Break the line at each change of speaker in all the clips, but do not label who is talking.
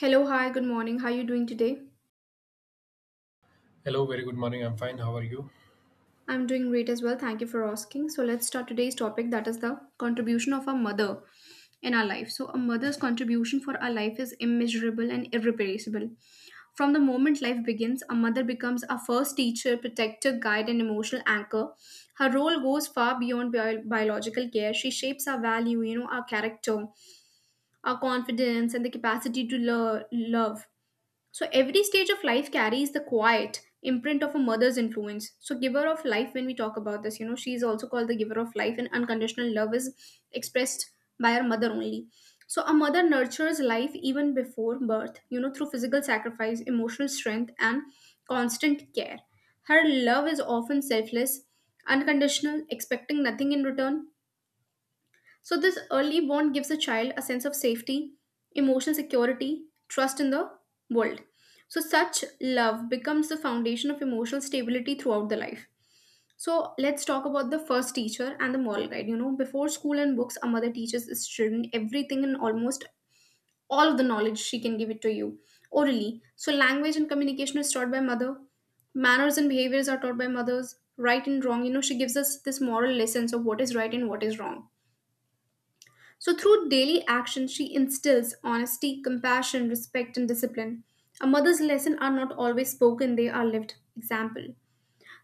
Hello, hi, good morning. How are you doing today?
Hello, very good morning. I'm fine. How are you?
I'm doing great as well. Thank you for asking. So, let's start today's topic that is the contribution of a mother in our life. So, a mother's contribution for our life is immeasurable and irreplaceable. From the moment life begins, a mother becomes our first teacher, protector, guide, and emotional anchor. Her role goes far beyond biological care. She shapes our value, you know, our character, our confidence, and the capacity to love. So every stage of life carries the quiet imprint of a mother's influence. So giver of life when we talk about this, you know, she is also called the giver of life, and unconditional love is expressed by her mother only. So a mother nurtures life even before birth, you know, through physical sacrifice, emotional strength, and constant care. Her love is often selfless, unconditional, expecting nothing in return, so this early bond gives a child a sense of safety, emotional security, trust in the world. So, such love becomes the foundation of emotional stability throughout the life. So, let's talk about the first teacher and the moral guide. You know, before school and books, a mother teaches its children everything, and almost all of the knowledge she can give it to you orally. So, language and communication is taught by mother, manners and behaviors are taught by mothers, right and wrong. You know, she gives us this moral lessons of what is right and what is wrong. So, through daily action, she instills honesty, compassion, respect, and discipline. A mother's lessons are not always spoken, they are lived. Example.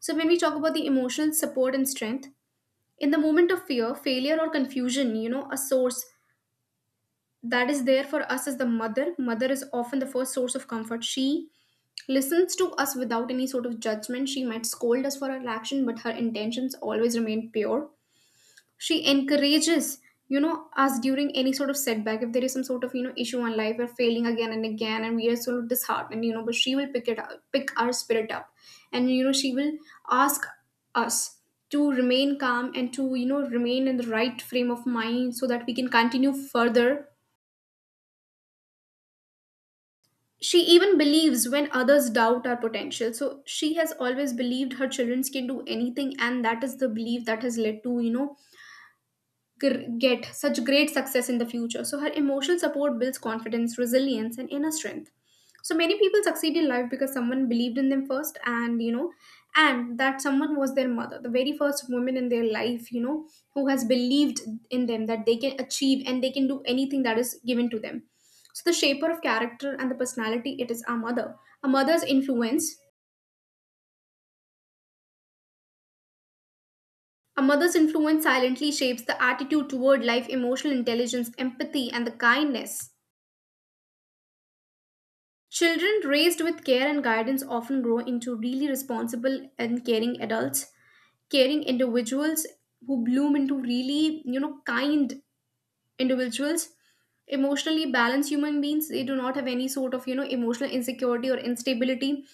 So, when we talk about the emotional support and strength, in the moment of fear, failure, or confusion, you know, a source that is there for us is the mother. Mother is often the first source of comfort. She listens to us without any sort of judgment. She might scold us for our action, but her intentions always remain pure. She encourages, you know, us during any sort of setback. If there is some sort of, you know, issue on life, we're failing again and again and we are so disheartened, you know, but she will pick it up, pick our spirit up, and, you know, she will ask us to remain calm and to, you know, remain in the right frame of mind so that we can continue further. She even believes when others doubt our potential. So she has always believed her children can do anything, and that is the belief that has led to, you know, get such great success in the future. So her emotional support builds confidence, resilience, and inner strength. So many people succeed in life because someone believed in them first, and, you know, and that someone was their mother, the very first woman in their life, you know, who has believed in them that they can achieve and they can do anything that is given to them. So the shaper of character and the personality, it is our mother. A mother's influence a mother's influence silently shapes the attitude toward life, emotional intelligence, empathy, and the kindness. Children raised with care and guidance often grow into really responsible and caring adults, caring individuals who bloom into really, you know, kind individuals, emotionally balanced human beings. They do not have any sort of, you know, emotional insecurity or instability.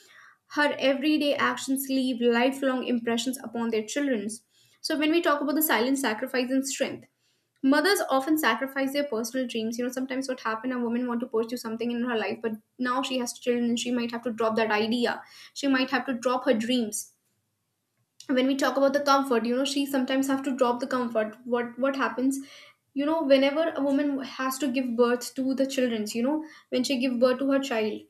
Her everyday actions leave lifelong impressions upon their children's. So when we talk about the silent sacrifice and strength, mothers often sacrifice their personal dreams. You know, sometimes what happen, a woman want to pursue something in her life, but now she has children and she might have to drop that idea. She might have to drop her dreams. When we talk about the comfort, you know, she sometimes have to drop the comfort. What happens, you know, whenever a woman has to give birth to the children's, you know, when she give birth to her child,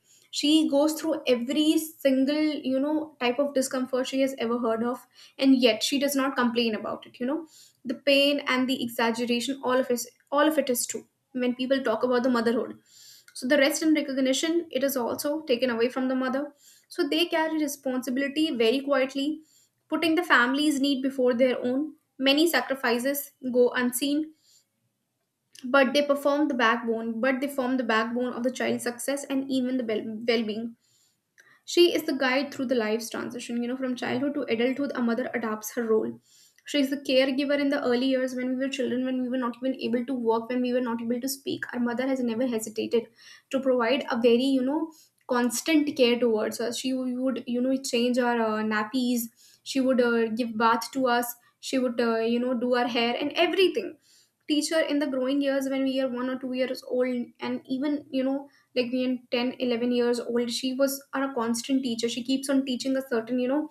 she goes through every single, you know, type of discomfort she has ever heard of, and yet she does not complain about it, you know. The pain and the exaggeration, all of it, all of it is true when people talk about the motherhood. So the rest and recognition, it is also taken away from the mother. So they carry responsibility very quietly, putting the family's need before their own. Many sacrifices go unseen, but they form the backbone of the child's success and even the well being. She is the guide through the life's transition. You know, from childhood to adulthood, a mother adapts her role. She is the caregiver in the early years, when we were children, when we were not even able to walk, when we were not able to speak. Our mother has never hesitated to provide a very, you know, constant care towards us. She would, you know, change our nappies. She would give bath to us. She would, you know, do our hair and everything. Teacher in the growing years, when we are 1 or 2 years old, and even, you know, like being 10, 11 years old, she was our constant teacher. She keeps on teaching us certain, you know,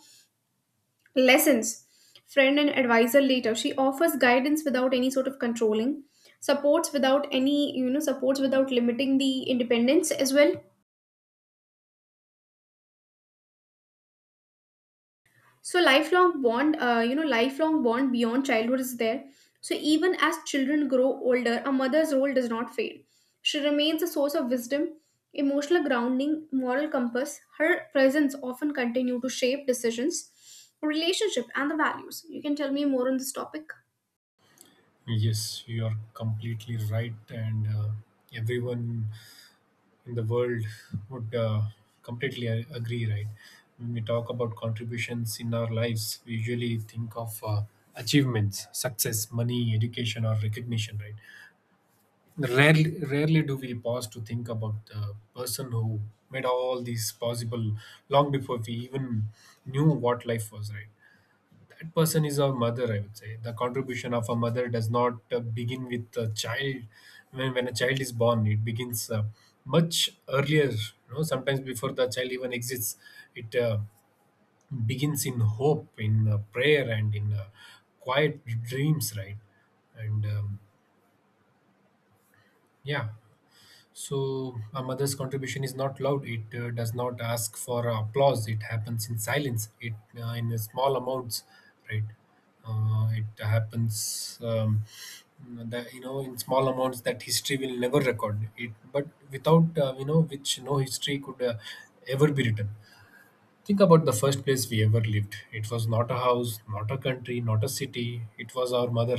lessons. Friend and advisor later, she offers guidance without any sort of controlling, supports without any, supports without limiting the independence as well. So lifelong bond, you know, lifelong bond beyond childhood is there. So even as children grow older, a mother's role does not fade. She remains a source of wisdom, emotional grounding, moral compass. Her presence often continue to shape decisions, relationship, and the values. You can tell me more on this topic.
Yes, you are completely right, and everyone in the world would completely agree, right? When we talk about contributions in our lives, we usually think of achievements, success, money, education, or recognition, right? Rarely, rarely do we pause to think about the person who made all these possible long before we even knew what life was, right? That person is our mother. I would say the contribution of a mother does not begin with a child. When a child is born, it begins much earlier, you know, sometimes before the child even exists. It begins in hope, in prayer, and in quiet dreams, right? and yeah So, a mother's contribution is not loud. It does not ask for applause. It happens in silence. It in small amounts, right? It happens, that, you know, in small amounts, that history will never record it. But without which no history could ever be written. Think about the first place we ever lived. It was not a house, not a country, not a city. It was our mother.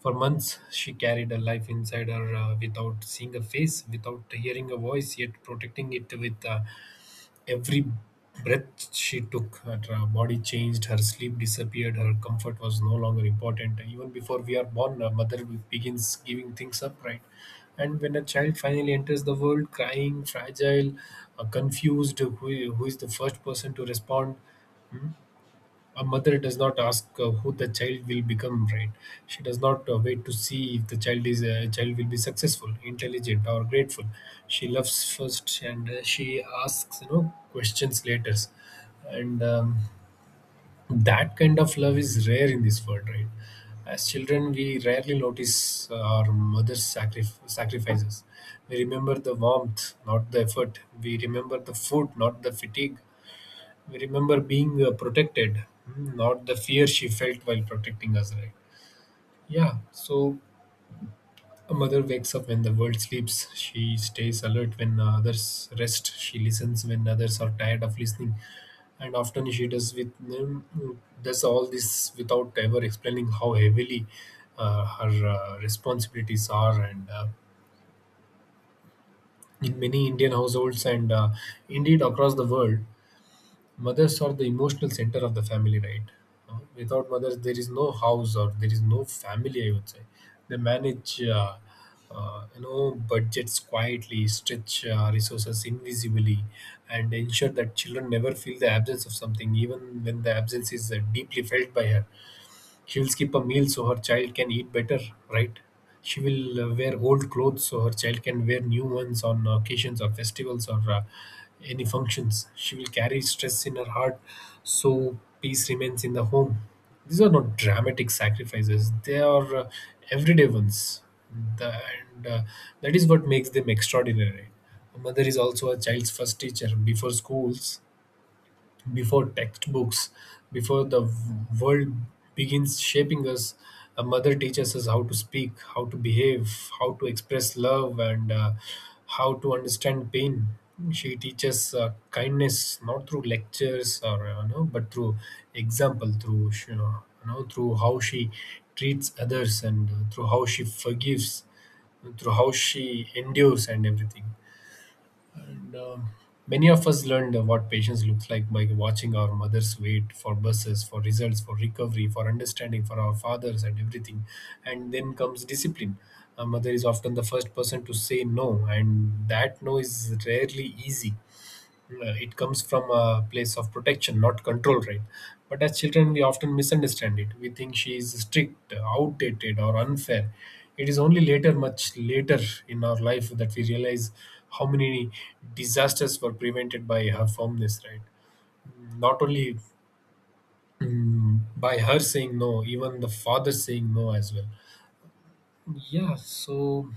For months, she carried her life inside her without seeing a face, without hearing a voice, yet protecting it with every breath she took. Her body changed, her sleep disappeared, her comfort was no longer important. Even before we are born, a mother begins giving things up, right? And when a child finally enters the world crying, fragile, confused, who is the first person to respond? A mother does not ask who the child will become, right? She does not wait to see if the child will be successful, intelligent, or grateful. She loves first, and she asks, you know, questions later, and that kind of love is rare in this world, right? As children, we rarely notice our mother's sacrifices. We remember the warmth, not the effort. We remember the food, not the fatigue. We remember being protected, not the fear she felt while protecting us, right? Yeah, so a mother wakes up when the world sleeps. She stays alert when others rest. She listens when others are tired of listening. And often she does with mm, does all this without ever explaining how heavily her responsibilities are. And In many Indian households, and indeed across the world, mothers are the emotional center of the family, right? Without mothers, there is no house or there is no family, I would say. They manage, uh, you know budgets quietly, stretch resources invisibly, and ensure that children never feel the absence of something, even when the absence is deeply felt by her. She'll skip a meal so her child can eat better, right? She will wear old clothes so her child can wear new ones on occasions or festivals or any functions. She will carry stress in her heart so peace remains in the home. These are not dramatic sacrifices, they are everyday ones. The, and That is what makes them extraordinary. A mother is also a child's first teacher. Before schools, before textbooks, before the world begins shaping us, a mother teaches us how to speak, how to behave, how to express love, and how to understand pain. She teaches kindness, not through lectures or but through example, through you know, through how she treats others, and through how she forgives, through how she endures, and everything. And Many of us learned what patience looks like by watching our mothers wait for buses, for results, for recovery, for understanding, for our fathers, and everything. And then comes discipline. A mother is often the first person to say no, and that no is rarely easy. It comes from a place of protection, not control, right? But as children we often misunderstand it. We think she is strict, outdated, or unfair. It is only later, much later in our life, that we realize how many disasters were prevented by her firmness, right? Not only by her saying no, even the father saying no as well. Yeah, so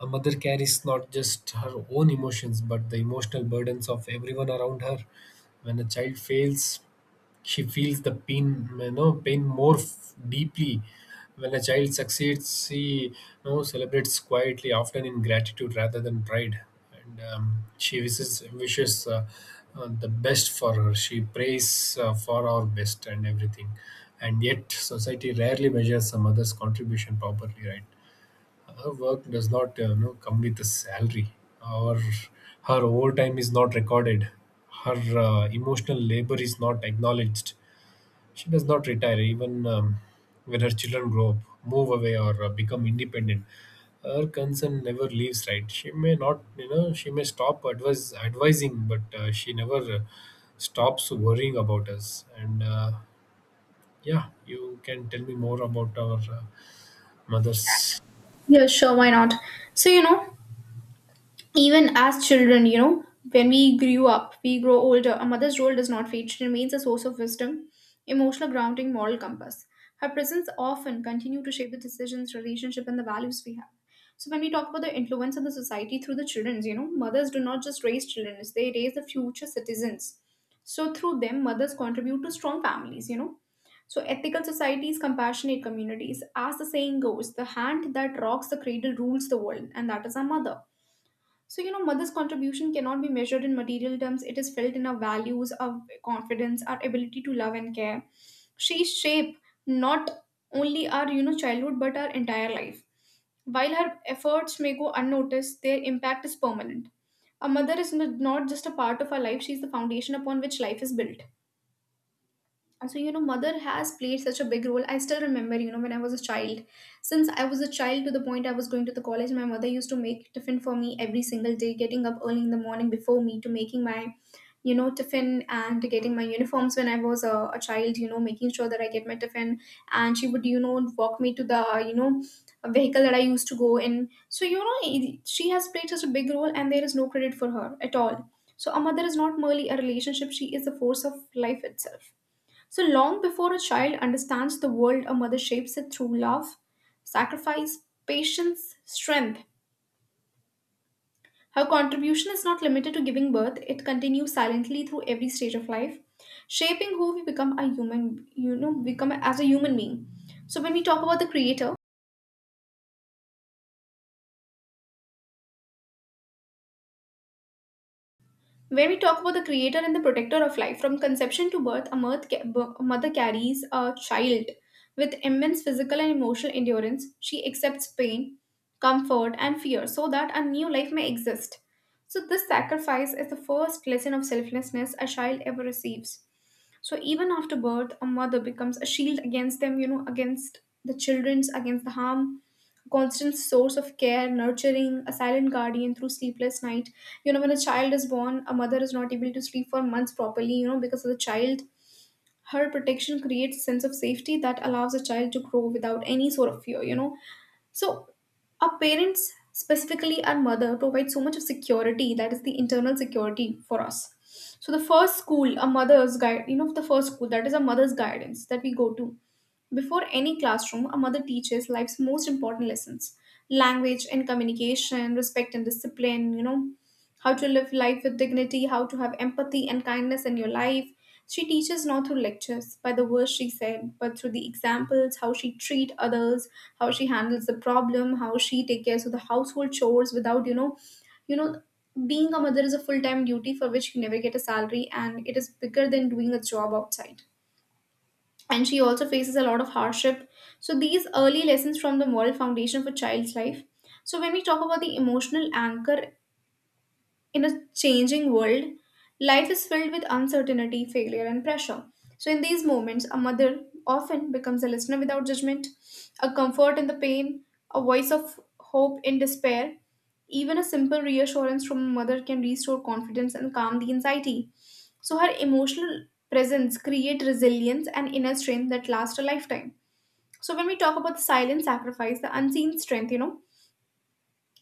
a mother carries not just her own emotions, but the emotional burdens of everyone around her. When a child fails, she feels the pain, you know, pain more deeply. When a child succeeds, she, you know, celebrates quietly, often in gratitude rather than pride. And She wishes the best for her. She prays for our best and everything. And yet, society rarely measures a mother's contribution properly, right? Her work does not come with a salary, or her overtime is not recorded, her emotional labor is not acknowledged. She does not retire, even when her children grow up, move away, or become independent. Her concern never leaves, right? She may not, you know, she may stop advise advising, but she never stops worrying about us. And Yeah, you can tell me more about our mothers.
Yeah, sure, why not. So, you know, even as children, you know, when we grew up, we grow older, a mother's role does not fade. She remains a source of wisdom, emotional grounding, moral compass. Her presence often continue to shape the decisions, relationship, and the values we have. So when we talk about the influence of the society through the children, you know, mothers do not just raise children, they raise the future citizens. So through them, mothers contribute to strong families, you know. So ethical societies, compassionate communities. As the saying goes, the hand that rocks the cradle rules the world, and that is our mother. So, you know, mother's contribution cannot be measured in material terms. It is felt in our values, our confidence, our ability to love and care. She shape not only our, you know, childhood, but our entire life. While her efforts may go unnoticed, their impact is permanent. A mother is not just a part of our life, she is the foundation upon which life is built. So, you know, mother has played such a big role. I still remember, you know, when I was a child, since I was a child to the point I was going to the college, my mother used to make tiffin for me every single day, getting up early in the morning before me to making my, you know, tiffin and getting my uniforms when I was a child, you know, making sure that I get my tiffin, and she would, you know, walk me to the, you know, vehicle that I used to go in. So, you know, she has played such a big role, and there is no credit for her at all. So a mother is not merely a relationship, she is the force of life itself. So long before a child understands the world, a mother shapes it through love, sacrifice, patience, strength. Her contribution is not limited to giving birth, it continues silently through every stage of life, shaping who we become a human, you know, become as a human being. So when we talk about the creator, and the protector of life. From conception to birth, a mirth ca- b- a mother carries a child with immense physical and emotional endurance. She accepts pain, comfort, and fear so that a new life may exist. So, this sacrifice is the first lesson of selflessness a child ever receives. So, even after birth, a mother becomes a shield against them, you know, against the children's, against the harm, constant source of care, nurturing, a silent guardian through sleepless night. You know, when a child is born, a mother is not able to sleep for months properly, you know, because of the child. Her protection creates a sense of safety that allows a child to grow without any sort of fear, you know. So, our parents, specifically our mother, provides so much of security that is the internal security for us. So, the first school, a mother's guide, you know, the first school that is a mother's guidance that we go to. Before any classroom, a mother teaches life's most important lessons: language and communication, respect and discipline, how to live life with dignity, how to have empathy and kindness in your life. She teaches not through lectures, by the words she said, but through the examples: how she treat others, how she handles the problem, how she takes care of the household chores without, you know, being a mother is a full-time duty for which you never get a salary, and it is bigger than doing a job outside. And she also faces a lot of hardship. So these early lessons from the moral foundation for child's life. So when we talk about the emotional anchor in a changing world, life is filled with uncertainty, failure, and pressure. So, in these moments, a mother often becomes a listener without judgment, a comfort in the pain, a voice of hope in despair. Even a simple reassurance from a mother can restore confidence and calm the anxiety. So, her emotional presence creates resilience and inner strength that lasts a lifetime. So, when we talk about the silent sacrifice, the unseen strength,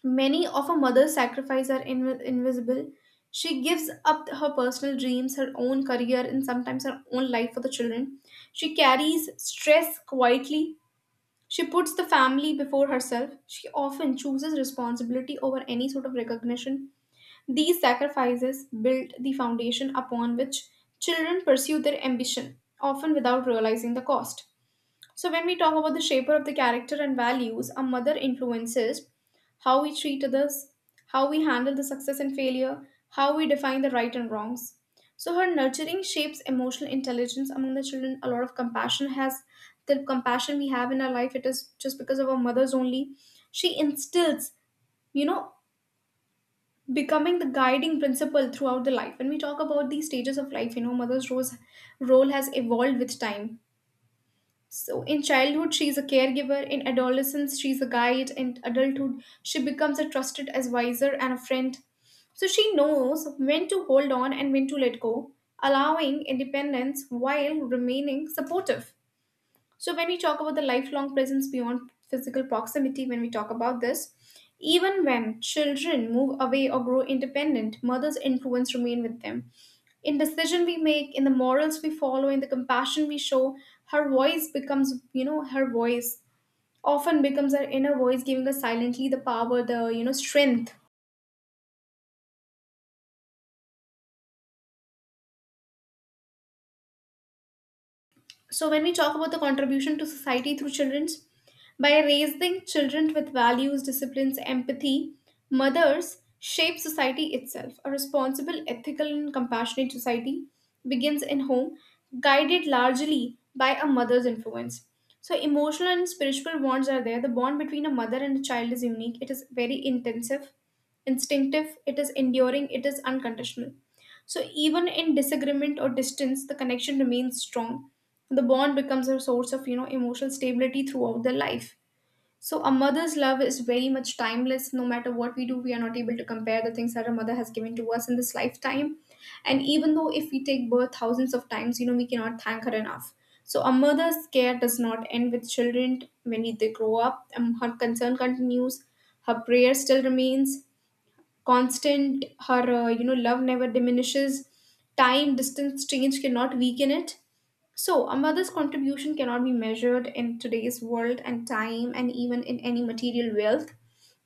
many of a mother's sacrifices are invisible. She gives up her personal dreams, her own career, and sometimes her own life for the children. She carries stress quietly. She puts the family before herself. She often chooses responsibility over any sort of recognition. These sacrifices build the foundation upon which children pursue their ambition, often without realizing the cost. So, when we talk about the shaper of the character and values, a mother influences how we treat others, how we handle the success and failure, how we define the right and wrongs. So, her nurturing shapes emotional intelligence among the children. A lot of compassion has The compassion we have in our life, it is just because of our mothers only. She instills, you know, becoming the guiding principle throughout the life. When we talk about these stages of life, you know, mother's role has evolved with time. So, in childhood, she is a caregiver. In adolescence, she is a guide. In adulthood, she becomes a trusted advisor and a friend. So, she knows when to hold on and when to let go, allowing independence while remaining supportive. So, when we talk about the lifelong presence beyond physical proximity, when we talk about this, even when children move away or grow independent, mother's influence remain with them. In decision we make, in the morals we follow, in the compassion we show, her voice often becomes her inner voice, giving us silently the power, the strength. So, when we talk about the contribution to society through children's, by raising children with values, disciplines, empathy, mothers shape society itself. A responsible, ethical, and compassionate society begins in home, guided largely by a mother's influence. So, emotional and spiritual bonds are there. The bond between a mother and a child is unique. It is very intensive, instinctive, it is enduring, it is unconditional. So, even in disagreement or distance, the connection remains strong. The bond becomes a source of, emotional stability throughout their life. So a mother's love is very much timeless. No matter what we do, we are not able to compare the things that a mother has given to us in this lifetime. And even though if we take birth thousands of times, you know, we cannot thank her enough. So a mother's care does not end with children when they grow up. Her concern continues, her prayer still remains constant, her you know, love never diminishes. Time, distance, change cannot weaken it. So a mother's contribution cannot be measured in today's world and time, and even in any material wealth.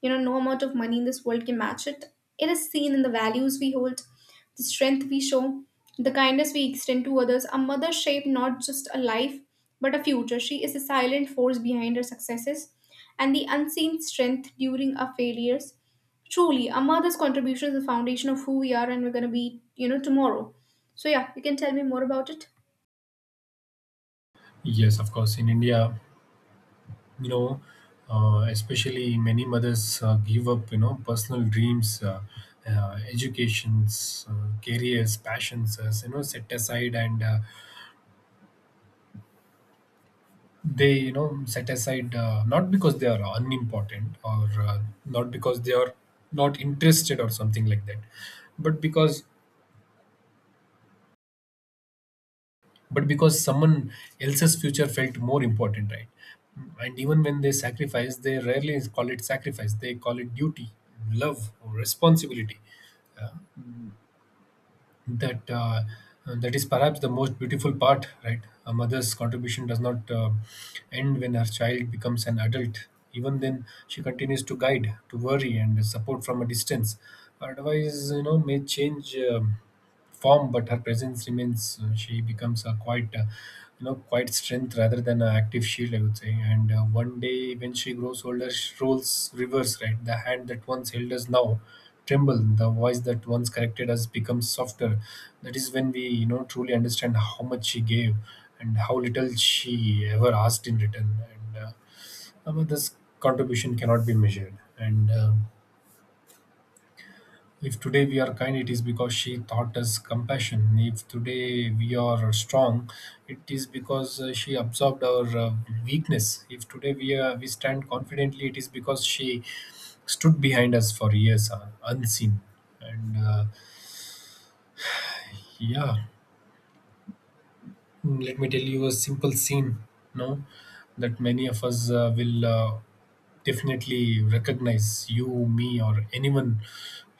You know, no amount of money in this world can match it. It is seen in the values we hold, the strength we show, the kindness we extend to others. A mother shaped not just a life, but a future. She is a silent force behind her successes and the unseen strength during our failures. Truly, a mother's contribution is the foundation of who we are and we're going to be, you know, tomorrow. So yeah, you can tell me more about it.
Yes, of course. In India, you know, especially, many mothers give up, you know, personal dreams, educations, careers, passions, as, you know, set aside. And they, you know, set aside, not because they are unimportant, or not because they are not interested or something like that, but because, but because someone else's future felt more important, right? And even when they sacrifice, they rarely call it sacrifice. They call it duty, love, or responsibility. Uh, that uh, that is perhaps the most beautiful part, right? A mother's contribution does not end when her child becomes an adult. Even then, she continues to guide, to worry, and support from a distance. Her advice, you know, may change form, but her presence remains. She becomes a quite, quite strength, rather than an active shield, I would say. And one day, when she grows older, roles reverse, right? The hand that once held us now tremble, the voice that once corrected us becomes softer. That is when we, you know, truly understand how much she gave and how little she ever asked in return. And I mean, this contribution cannot be measured. And If today we are kind, it is because she taught us compassion. If today we are strong, it is because she absorbed our weakness. If today we stand confidently, it is because she stood behind us for years, unseen. and uh, Yeah, Let me tell you a simple scene, no, that many of us will definitely recognize. You, me, or anyone,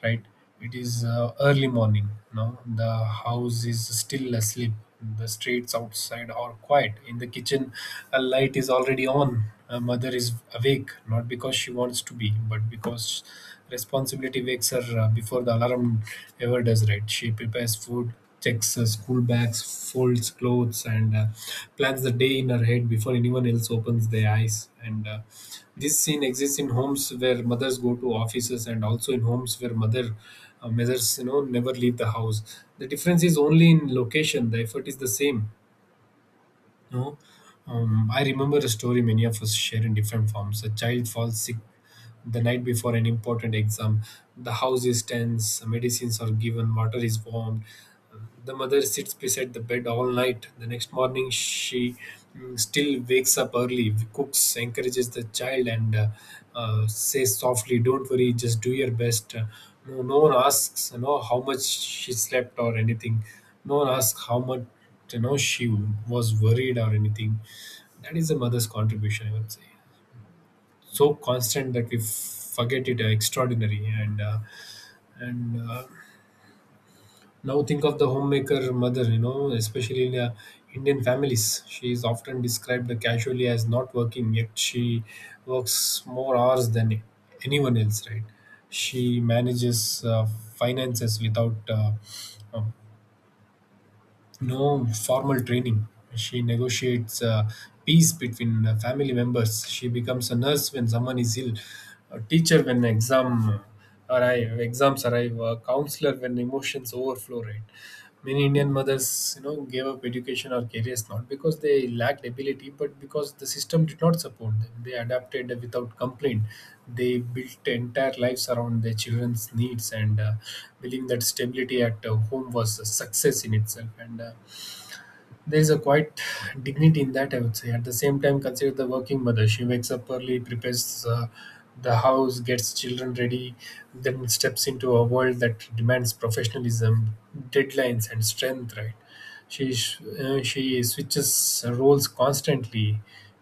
right? It is early morning. No, the house is still asleep. The streets outside are quiet. In the kitchen, a light is already on. A mother is awake, not because she wants to be, but because responsibility wakes her before the alarm ever does, right? She prepares food, checks school bags, folds clothes, and plans the day in her head before anyone else opens their eyes. And This scene exists in homes where mothers go to offices, and also in homes where mothers, you know, never leave the house. The difference is only in location. The effort is the same. You know, I remember a story many of us share in different forms. A child falls sick the night before an important exam, the house is tense, medicines are given, water is warmed. The mother sits beside the bed all night. The next morning, she still wakes up early, cooks, encourages the child, and says softly, "Don't worry, just do your best." No, no one asks, you know, how much she slept or anything. No one asks how much, you know, she was worried or anything. That is a mother's contribution, I would say. So constant that we forget it, extraordinary, and now think of the homemaker mother, you know, especially in Indian families. She is often described casually as not working, yet she works more hours than anyone else, right? She manages finances without uh, no formal training. She negotiates peace between family members. She becomes a nurse when someone is ill, a teacher when exams arrive, a counselor when emotions overflow, right? Many Indian mothers, you know, gave up education or careers, not because they lacked ability, but because the system did not support them. They adapted without complaint. They built entire lives around their children's needs, and believing that stability at home was a success in itself. And There's a quite dignity in that, I would say. At the same time, consider the working mother. She wakes up early, prepares the house, gets children ready, then steps into a world that demands professionalism, deadlines, and strength, right? She switches roles constantly.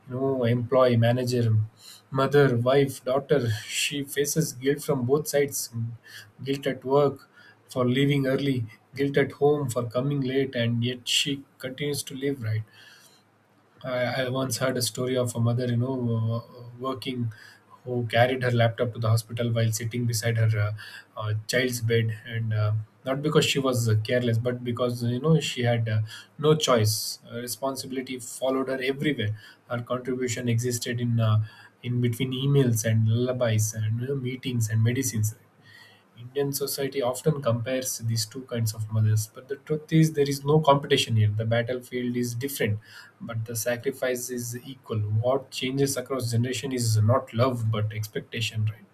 You know, employee, manager, mother, wife, daughter. She faces guilt from both sides: guilt at work for leaving early, guilt at home for coming late, and yet she continues to live, right? I once heard a story of a mother, you know, working, who carried her laptop to the hospital while sitting beside her child's bed, and not because she was careless, but because, you know, she had no choice. Responsibility followed her everywhere. Her contribution existed in between emails and lullabies, and, you know, meetings and medicines. Indian society often compares these two kinds of mothers, but the truth is there is no competition here. The battlefield is different, but the sacrifice is equal. What changes across generation is not love, but expectation, right?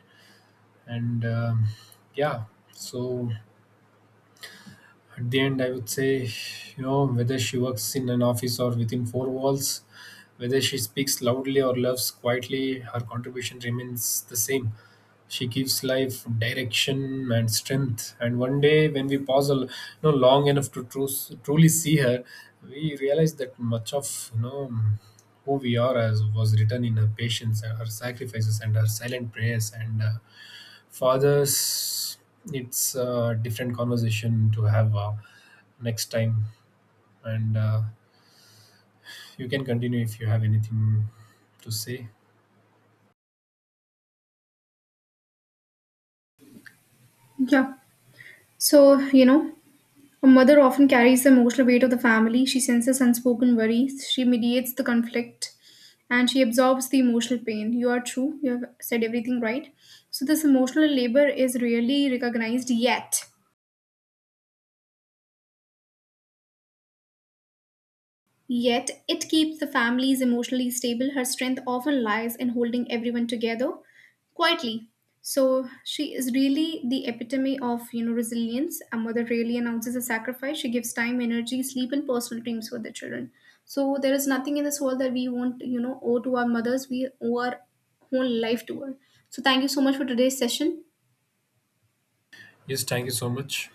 And um yeah, so at the end, I would say, you know, whether she works in an office or within four walls, whether she speaks loudly or loves quietly, her contribution remains the same. She gives life direction and strength. And one day, when we pause you know, long enough to truly see her, we realize that much of, you know, who we are as was written in her patience, her sacrifices, and her silent prayers. And Fathers, it's a different conversation to have next time. And You can continue if you have anything to say.
Yeah, so, you know, a mother often carries the emotional weight of the family. She senses unspoken worries, she mediates the conflict, and she absorbs the emotional pain. You are true, you have said everything right. So, this emotional labor is rarely recognized yet. Yet, it keeps the families emotionally stable. Her strength often lies in holding everyone together quietly. So she is really the epitome of, you know, resilience. A mother rarely announces a sacrifice. She gives time, energy, sleep, and personal dreams for the children. So there is nothing in this world that we won't, you know, owe to our mothers. We owe our whole life to her. So thank you so much for today's session.
Yes, thank you so much.